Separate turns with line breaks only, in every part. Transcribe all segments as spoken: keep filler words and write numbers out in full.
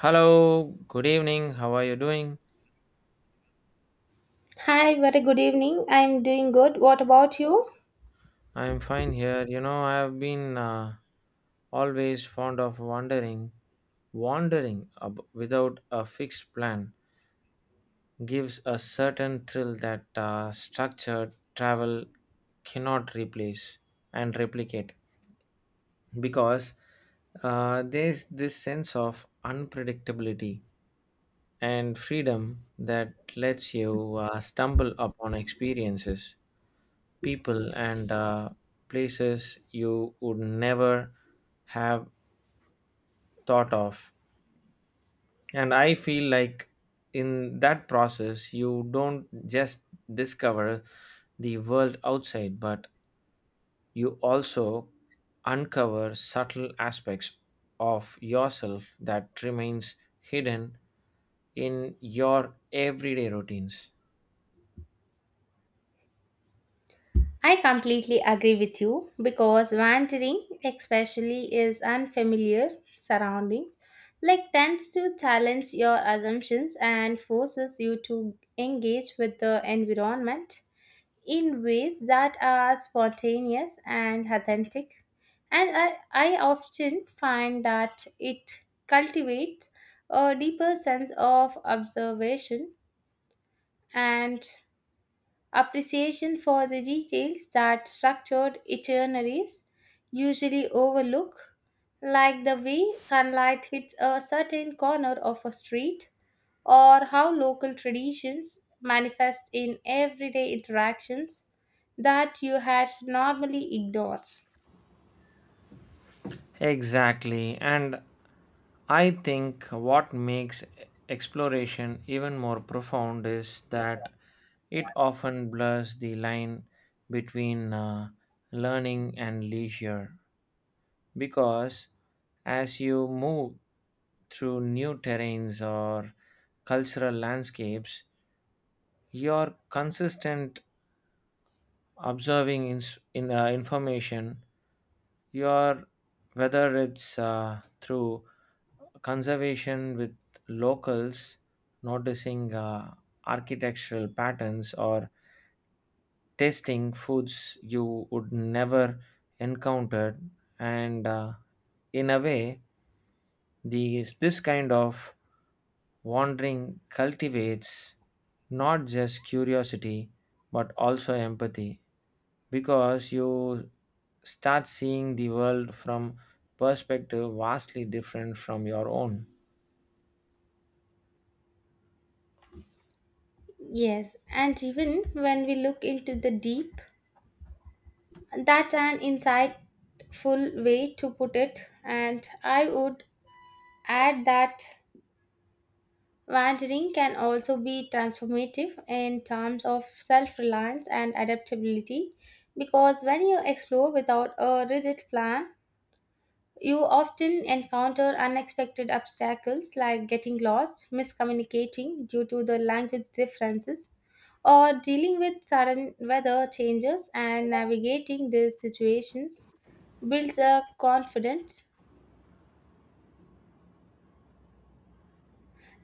Hello, good evening. How are you doing?
Hi, very good evening. I'm doing good. What about you?
I'm fine here. You know, I've been uh, always fond of wandering. Wandering ab- without a fixed plan gives a certain thrill that uh, structured travel cannot replace and replicate because uh, there's this sense of unpredictability and freedom that lets you uh, stumble upon experiences, people, and uh, places you would never have thought of. And I feel like in that process, you don't just discover the world outside, but you also uncover subtle aspects of yourself that remains hidden in your everyday routines.
I completely agree with you because wandering, especially, is unfamiliar surroundings, like tends to challenge your assumptions and forces you to engage with the environment in ways that are spontaneous and authentic. And I, I often find that it cultivates a deeper sense of observation and appreciation for the details that structured itineraries usually overlook, like the way sunlight hits a certain corner of a street, or how local traditions manifest in everyday interactions that you had normally ignored.
Exactly. And I think what makes exploration even more profound is that it often blurs the line between uh, learning and leisure. Because as you move through new terrains or cultural landscapes, your consistent observing ins- in, uh, information your, whether it's uh, through conservation with locals, noticing uh, architectural patterns or tasting foods you would never encounter, and uh, in a way these this kind of wandering cultivates not just curiosity but also empathy because you start seeing the world from perspective vastly different from your own.
Yes, and even when we look into the deep, that's an insightful way to put it. And I would add that wandering can also be transformative in terms of self reliance and adaptability because when you explore without a rigid plan, you often encounter unexpected obstacles like getting lost, miscommunicating due to the language differences, or dealing with sudden weather changes and navigating these situations builds a confidence.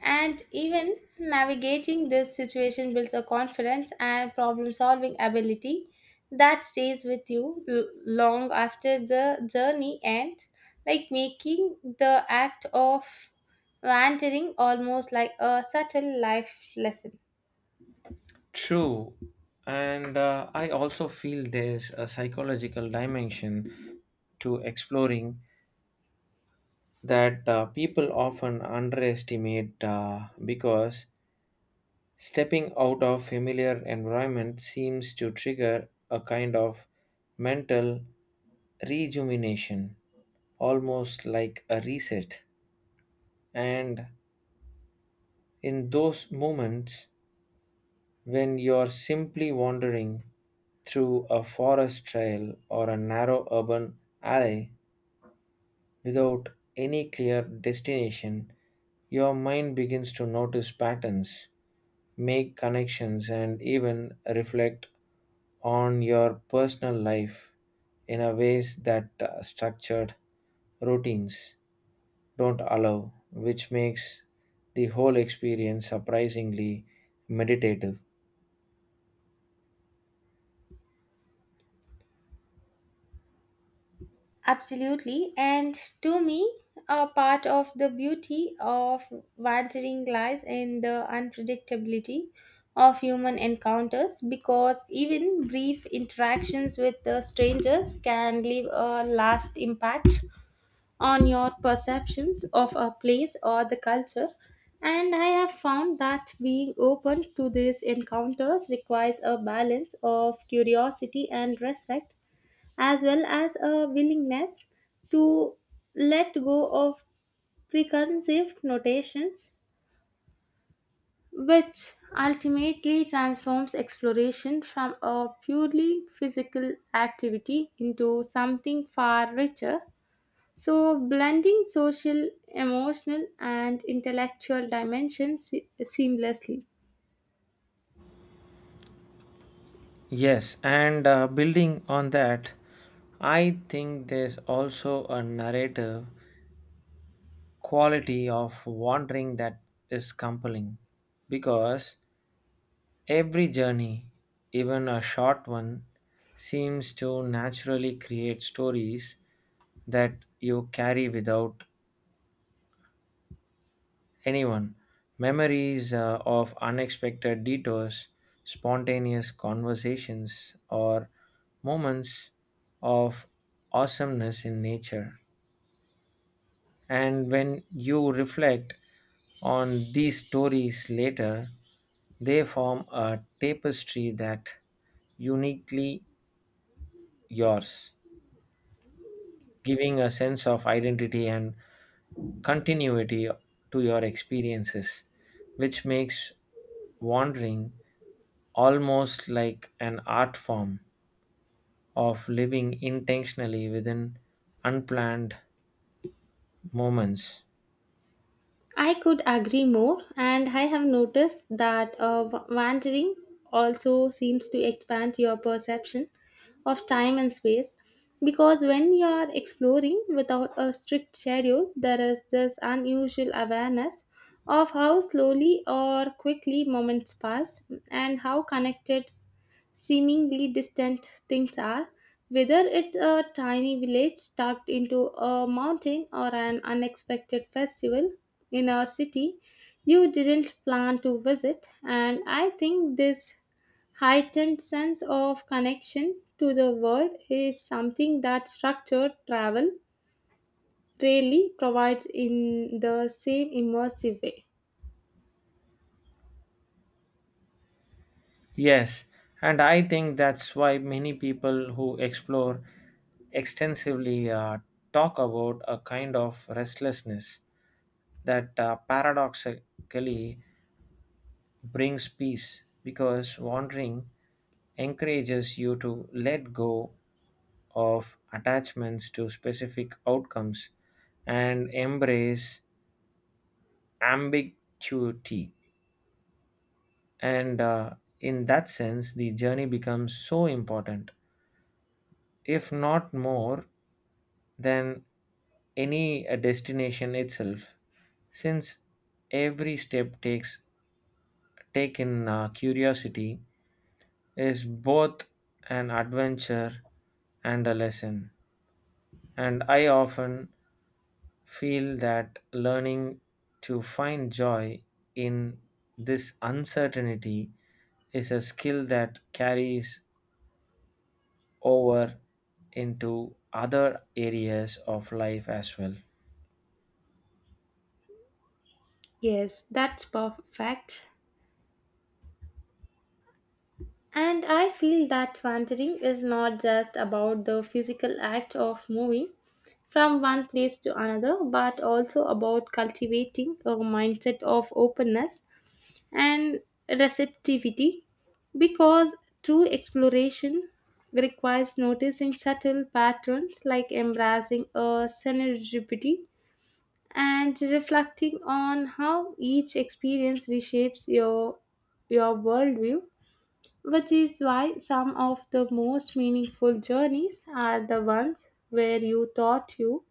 And even navigating this situation builds a confidence and problem solving ability that stays with you l- long after the journey ends, like making the act of wandering almost like a subtle life lesson.
True. And uh, I also feel there's a psychological dimension to exploring that uh, people often underestimate uh, because stepping out of familiar environment seems to trigger a kind of mental rejuvenation, almost like a reset. And in those moments when you're simply wandering through a forest trail or a narrow urban alley without any clear destination, your mind begins to notice patterns, make connections, and even reflect on your personal life in a ways that uh, structured routines don't allow, which makes the whole experience surprisingly meditative.
Absolutely. And to me, a part of the beauty of wandering lies in the unpredictability of human encounters because even brief interactions with the strangers can leave a last impact on your perceptions of a place or the culture. And I have found that being open to these encounters requires a balance of curiosity and respect as well as a willingness to let go of preconceived notations, which ultimately transforms exploration from a purely physical activity into something far richer. So, blending social, emotional, and intellectual dimensions se- seamlessly.
Yes, and uh, building on that, I think there's also a narrative quality of wandering that is compelling because every journey, even a short one, seems to naturally create stories that you carry without anyone. Memories uh, of unexpected detours, spontaneous conversations, or moments of awesomeness in nature. And when you reflect on these stories later, they form a tapestry that uniquely yours, giving a sense of identity and continuity to your experiences, which makes wandering almost like an art form of living intentionally within unplanned moments.
I could agree more, and I have noticed that uh, w- wandering also seems to expand your perception of time and space because when you are exploring without a strict schedule, there is this unusual awareness of how slowly or quickly moments pass and how connected seemingly distant things are, whether it's a tiny village tucked into a mountain or an unexpected festival in a city you didn't plan to visit. And I think this heightened sense of connection to the world is something that structured travel rarely provides in the same immersive way.
Yes, and I think that's why many people who explore extensively uh, talk about a kind of restlessness that uh, paradoxically brings peace because wandering encourages you to let go of attachments to specific outcomes and embrace ambiguity, and uh, in that sense the journey becomes so important, if not more than any uh, destination itself, since every step takes taken uh, curiosity is both an adventure and a lesson. And I often feel that learning to find joy in this uncertainty is a skill that carries over into other areas of life as well.
Yes, that's perfect. And I feel that wandering is not just about the physical act of moving from one place to another, but also about cultivating a mindset of openness and receptivity because true exploration requires noticing subtle patterns like embracing a serendipity and reflecting on how each experience reshapes your your worldview, which is why some of the most meaningful journeys are the ones where you thought you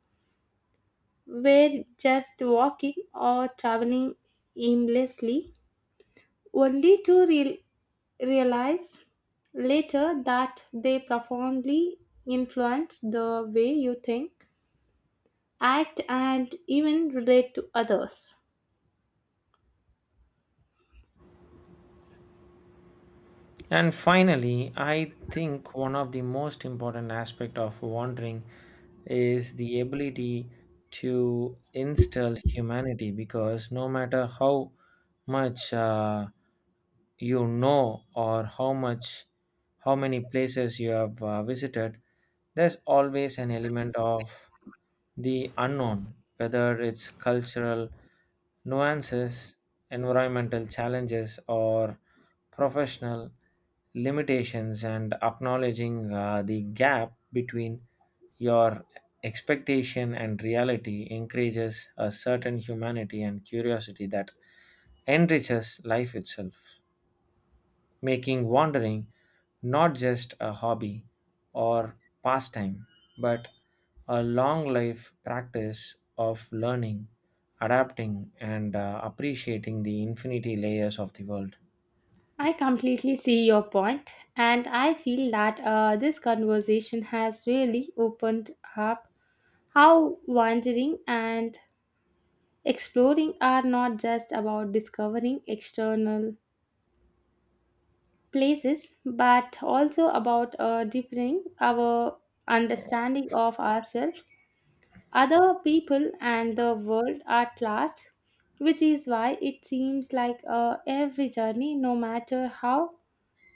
were just walking or traveling aimlessly, only to real- realize later that they profoundly influence the way you think, act, and even relate to others.
And finally, I think one of the most important aspect of wandering is the ability to instill humanity, because no matter how much uh, you know, or how much, how many places you have uh, visited, there's always an element of the unknown, whether it's cultural nuances, environmental challenges, or professional limitations. And acknowledging uh, the gap between your expectation and reality encourages a certain humanity and curiosity that enriches life itself, making wandering not just a hobby or pastime, but a long life practice of learning, adapting, and uh, appreciating the infinity layers of the world.
I completely see your point, and I feel that uh, this conversation has really opened up how wandering and exploring are not just about discovering external places but also about uh, deepening our understanding of ourselves, other people, and the world at large, which is why it seems like uh, every journey, no matter how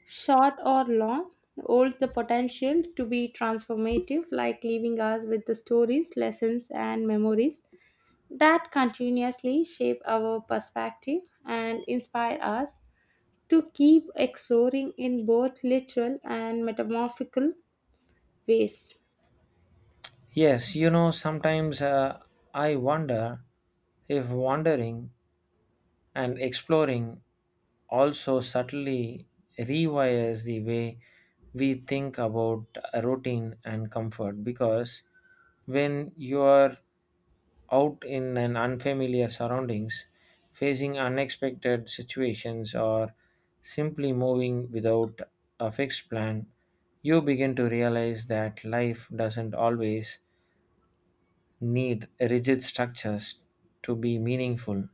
short or long, holds the potential to be transformative, like leaving us with the stories, lessons, and memories that continuously shape our perspective and inspire us to keep exploring in both literal and metamorphical ways.
Yes, you know, sometimes uh, I wonder if wandering and exploring also subtly rewires the way we think about routine and comfort, because when you are out in an unfamiliar surroundings, facing unexpected situations, or simply moving without a fixed plan, you begin to realize that life doesn't always need rigid structures to be meaningful,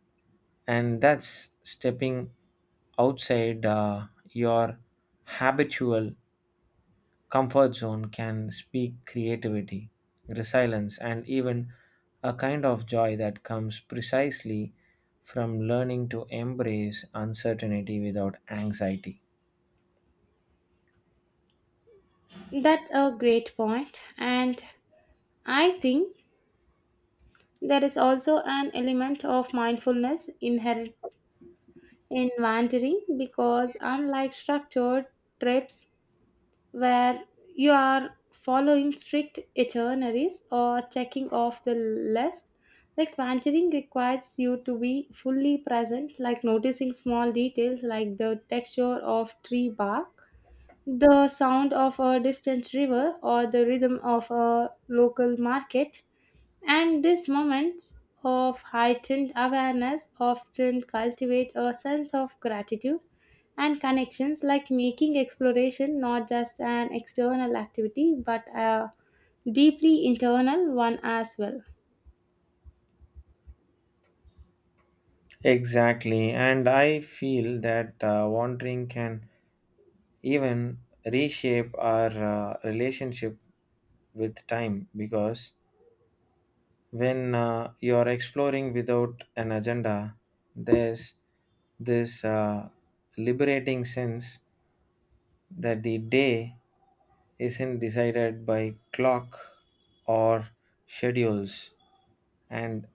and that's stepping outside uh, your habitual comfort zone can speak creativity, resilience, and even a kind of joy that comes precisely from learning to embrace uncertainty without anxiety.
That's a great point, and I think there is also an element of mindfulness inherent in wandering because, unlike structured trips, where you are following strict itineraries or checking off the list. Like wandering requires you to be fully present, like noticing small details like the texture of tree bark, the sound of a distant river, or the rhythm of a local market. And these moments of heightened awareness often cultivate a sense of gratitude and connections, like making exploration not just an external activity but a deeply internal one as well.
Exactly, and I feel that uh, wandering can even reshape our uh, relationship with time, because when uh, you're exploring without an agenda, there's this uh, liberating sense that the day isn't decided by clock or schedules. And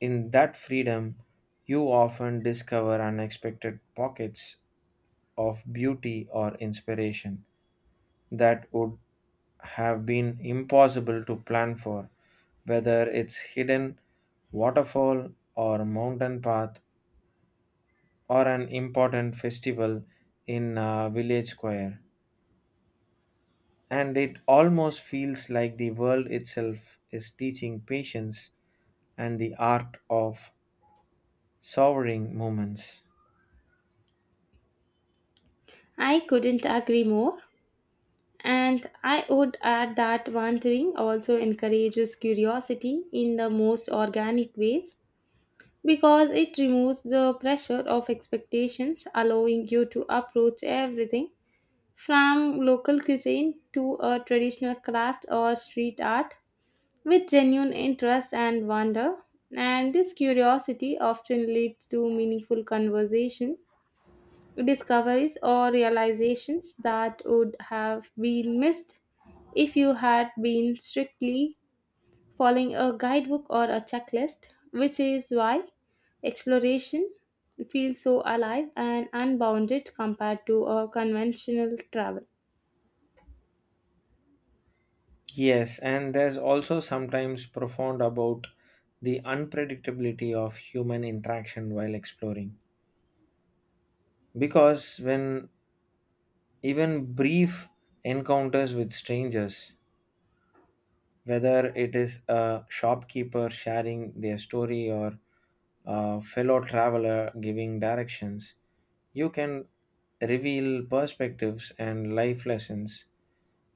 in that freedom, you often discover unexpected pockets of beauty or inspiration that would have been impossible to plan for, whether it's hidden waterfall or mountain path or an important festival in a village square. And it almost feels like the world itself is teaching patience and the art of sovereign moments.
I couldn't agree more. And I would add that wandering also encourages curiosity in the most organic ways because it removes the pressure of expectations, allowing you to approach everything from local cuisine to a traditional craft or street art with genuine interest and wonder, and this curiosity often leads to meaningful conversation, discoveries, or realizations that would have been missed if you had been strictly following a guidebook or a checklist, which is why exploration feels so alive and unbounded compared to a conventional travel.
Yes, and there's also sometimes profound about the unpredictability of human interaction while exploring. Because when even brief encounters with strangers, whether it is a shopkeeper sharing their story or a fellow traveler giving directions, you can reveal perspectives and life lessons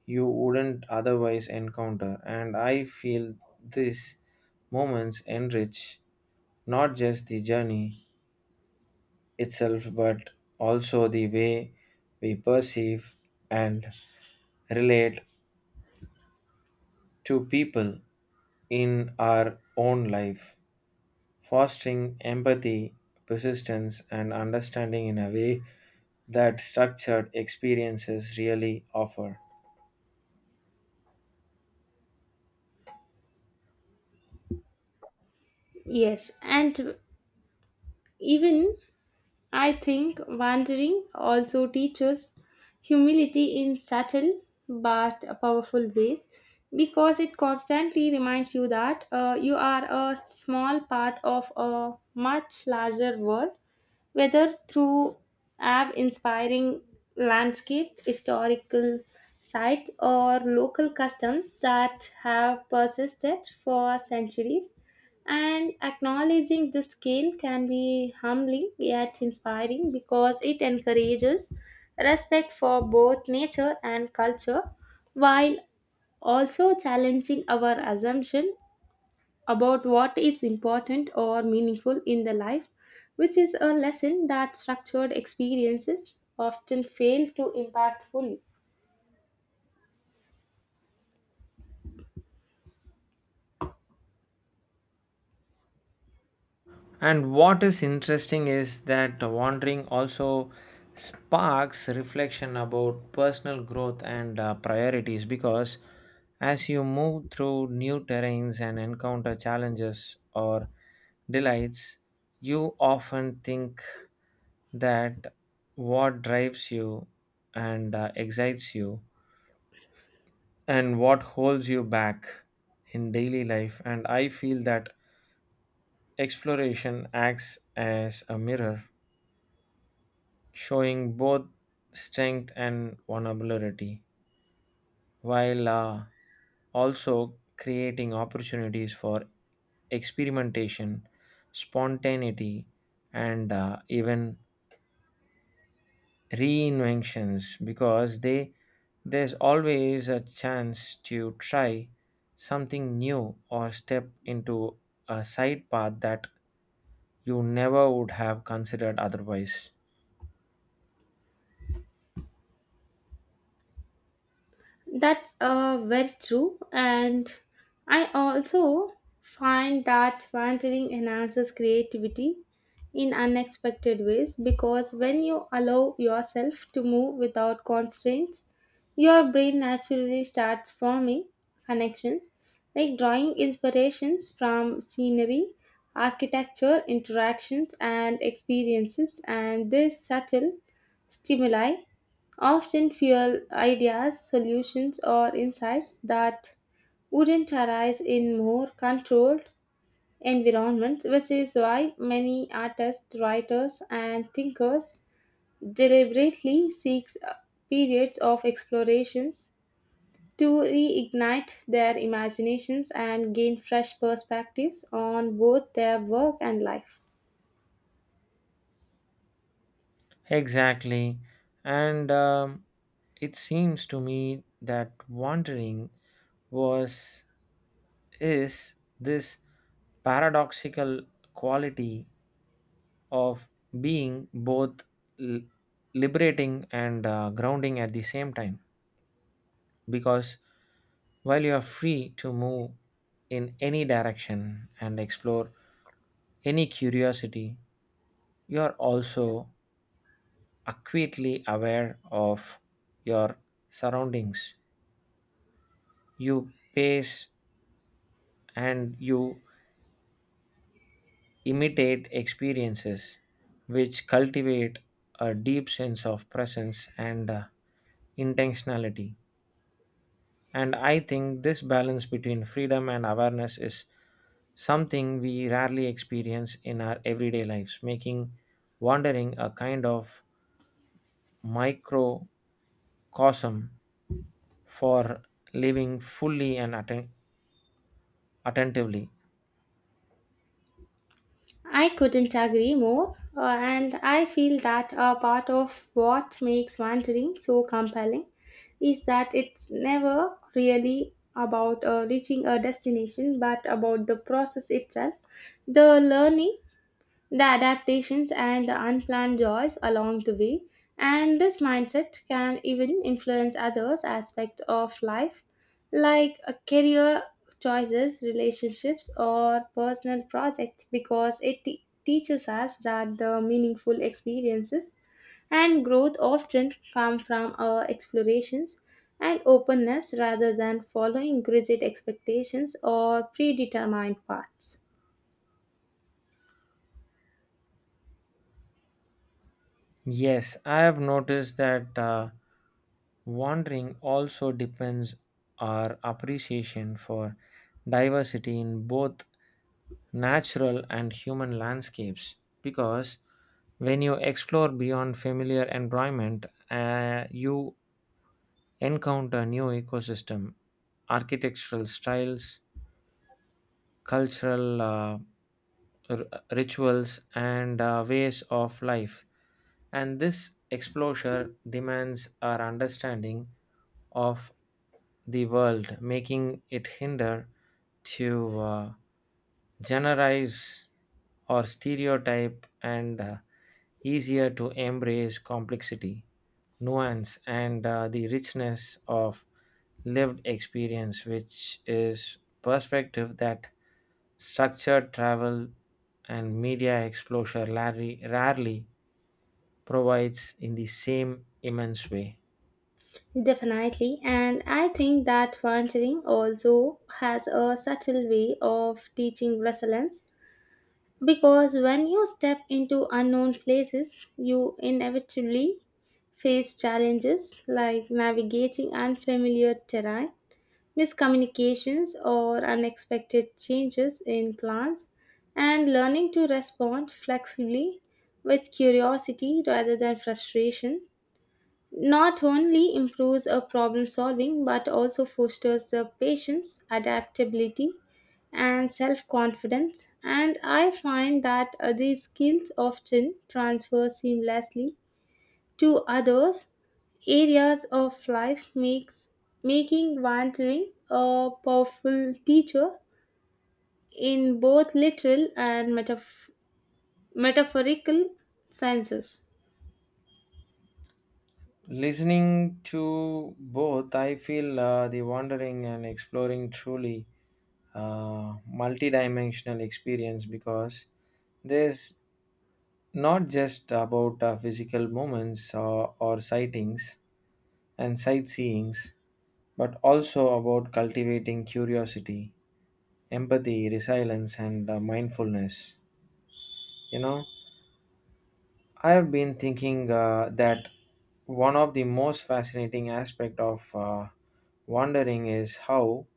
you wouldn't otherwise encounter. And I feel these moments enrich not just the journey itself, but also the way we perceive and relate to people in our own life, fostering empathy, persistence, and understanding in a way that structured experiences really offer.
Yes, and even I think wandering also teaches humility in subtle but powerful ways because it constantly reminds you that uh, you are a small part of a much larger world, whether through awe inspiring landscape, historical sites, or local customs that have persisted for centuries, and acknowledging this skill can be humbling yet inspiring because it encourages respect for both nature and culture while also challenging our assumption about what is important or meaningful in the life, which is a lesson that structured experiences often fail to impact fully.
And what is interesting is that wandering also sparks reflection about personal growth and uh, priorities, because as you move through new terrains and encounter challenges or delights, you often think that what drives you and uh, excites you and what holds you back in daily life. And I feel that exploration acts as a mirror, showing both strength and vulnerability, while uh, also creating opportunities for experimentation, spontaneity, and uh, even reinventions, because they there's always a chance to try something new or step into a side path that you never would have considered otherwise.
That's uh, very true. And I also find that wandering enhances creativity in unexpected ways because when you allow yourself to move without constraints, your brain naturally starts forming connections like drawing inspirations from scenery, architecture, interactions, and experiences. And this subtle stimuli often fuel ideas, solutions, or insights that wouldn't arise in more controlled environments, which is why many artists, writers, and thinkers deliberately seek periods of explorations to reignite their imaginations and gain fresh perspectives on both their work and life.
Exactly. And um, it seems to me that wandering was is this paradoxical quality of being both l- liberating and uh, grounding at the same time, because while you are free to move in any direction and explore any curiosity, you are also acutely aware of your surroundings. You pace and you imitate experiences, which cultivate a deep sense of presence and uh, intentionality. And I think this balance between freedom and awareness is something we rarely experience in our everyday lives, making wandering a kind of microcosm for living fully and atten- attentively.
I couldn't agree more, uh, and I feel that a part of what makes wandering so compelling is that it's never really about uh, reaching a destination but about the process itself, the learning, the adaptations, and the unplanned joys along the way. And this mindset can even influence others' aspects of life, like a career choices, relationships, or personal projects, because it te- teaches us that the meaningful experiences and growth often come from our explorations and openness rather than following rigid expectations or predetermined paths.
Yes, I have noticed that uh, wandering also depends our appreciation for diversity in both natural and human landscapes, because when you explore beyond familiar environment, uh, you encounter new ecosystem, architectural styles, cultural uh, r- rituals, and uh, ways of life. And this exposure demands our understanding of the world, making it hinder to uh, generalize or stereotype, and uh, easier to embrace complexity, nuance, and uh, the richness of lived experience, which is perspective that structured travel and media exposure rarely, rarely provides in the same immense way.
Definitely, and I think that volunteering also has a subtle way of teaching resilience because when you step into unknown places, you inevitably face challenges like navigating unfamiliar terrain, miscommunications, or unexpected changes in plans, and learning to respond flexibly with curiosity rather than frustration not only improves a problem solving but also fosters the patience, adaptability, and self-confidence. And I find that uh, these skills often transfer seamlessly to others areas of life, makes making wandering a powerful teacher in both literal and metaph- metaphorical senses.
Listening to both, I feel uh, the wandering and exploring truly uh, multidimensional experience, because there's not just about uh, physical moments or, or sightings and sightseeings, but also about cultivating curiosity, empathy, resilience, and uh, mindfulness. You know, I have been thinking uh, that one of the most fascinating aspect of uh, wandering is how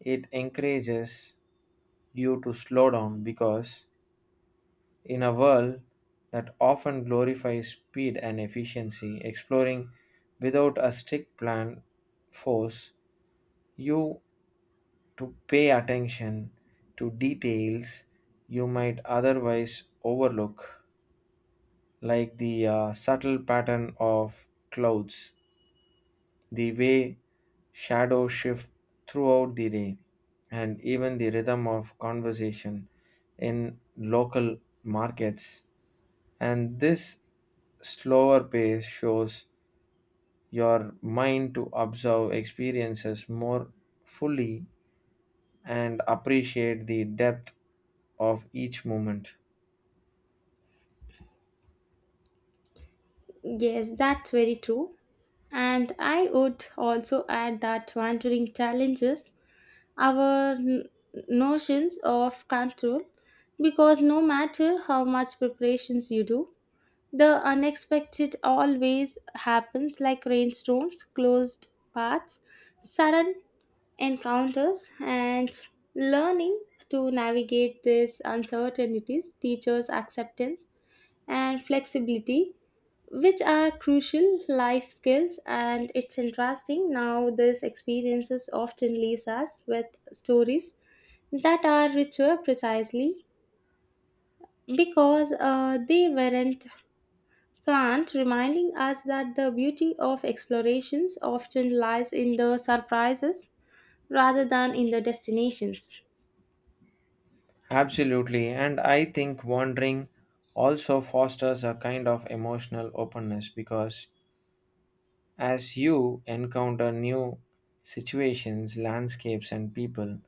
it encourages you to slow down, because in a world that often glorifies speed and efficiency, exploring without a strict plan force you to pay attention to details you might otherwise overlook, like the uh, subtle pattern of clouds, the way shadows shift throughout the day, and even the rhythm of conversation in local markets. And this slower pace shows your mind to observe experiences more fully and appreciate the depth of each moment.
Yes, that's very true. And I would also add that wandering challenges our n- notions of control because no matter how much preparations you do, the unexpected always happens like rainstorms, closed paths, sudden encounters, and learning to navigate these uncertainties teaches acceptance and flexibility, which are crucial life skills. And it's interesting now these experiences often leaves us with stories that are richer precisely because uh, they weren't planned, reminding us that the beauty of explorations often lies in the surprises rather than in the destinations.
Absolutely, and I think wandering also fosters a kind of emotional openness, because as you encounter new situations, landscapes, and people,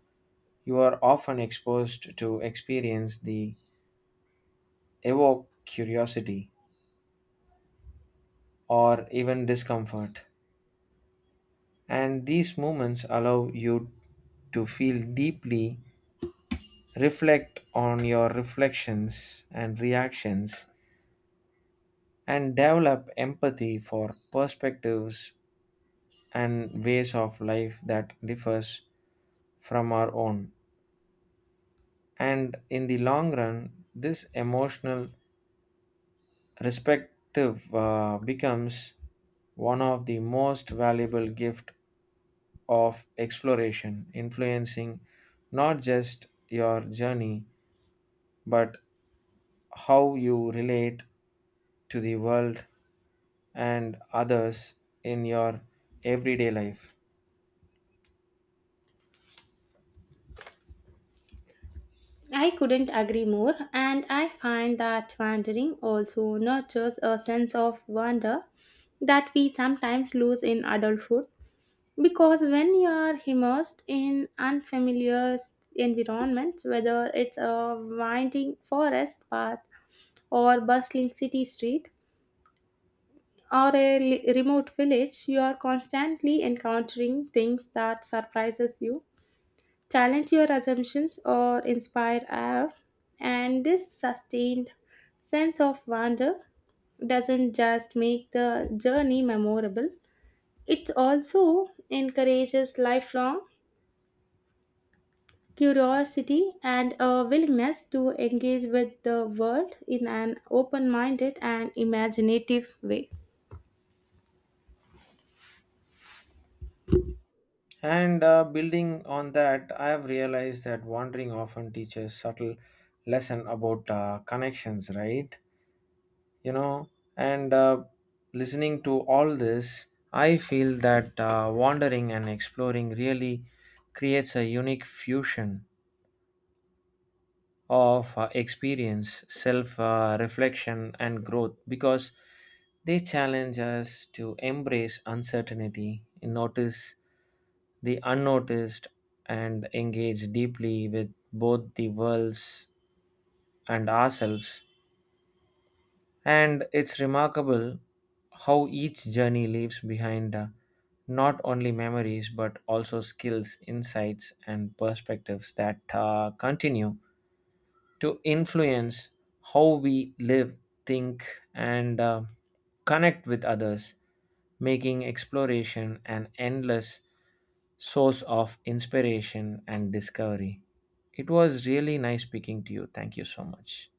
you are often exposed to experience the evoke curiosity or even discomfort. And these moments allow you to feel deeply, reflect on your reflections and reactions, and develop empathy for perspectives and ways of life that differs from our own. And in the long run, this emotional perspective uh, becomes one of the most valuable gift of exploration, influencing not just your journey but how you relate to the world and others in your everyday life.
I couldn't agree more, and I find that wandering also nurtures a sense of wonder that we sometimes lose in adulthood because when you are immersed in unfamiliar s- environments, whether it's a winding forest path or bustling city street or a li- remote village, you are constantly encountering things that surprises you, challenge your assumptions, or inspire awe, and this sustained sense of wonder doesn't just make the journey memorable, it also encourages lifelong curiosity and a willingness to engage with the world in an open-minded and imaginative way.
And uh, building on that, I have realized that wandering often teaches subtle lesson about uh, connections, right? You know, and uh, listening to all this, I feel that uh, wandering and exploring really creates a unique fusion of uh, experience, self uh, reflection, and growth, because they challenge us to embrace uncertainty, notice the unnoticed, and engage deeply with both the worlds and ourselves. And it's remarkable how each journey leaves behind uh, not only memories but also skills, insights, and perspectives that uh, continue to influence how we live, think, and uh, connect with others, making exploration an endless source of inspiration and discovery. It was really nice speaking to you. Thank you so much.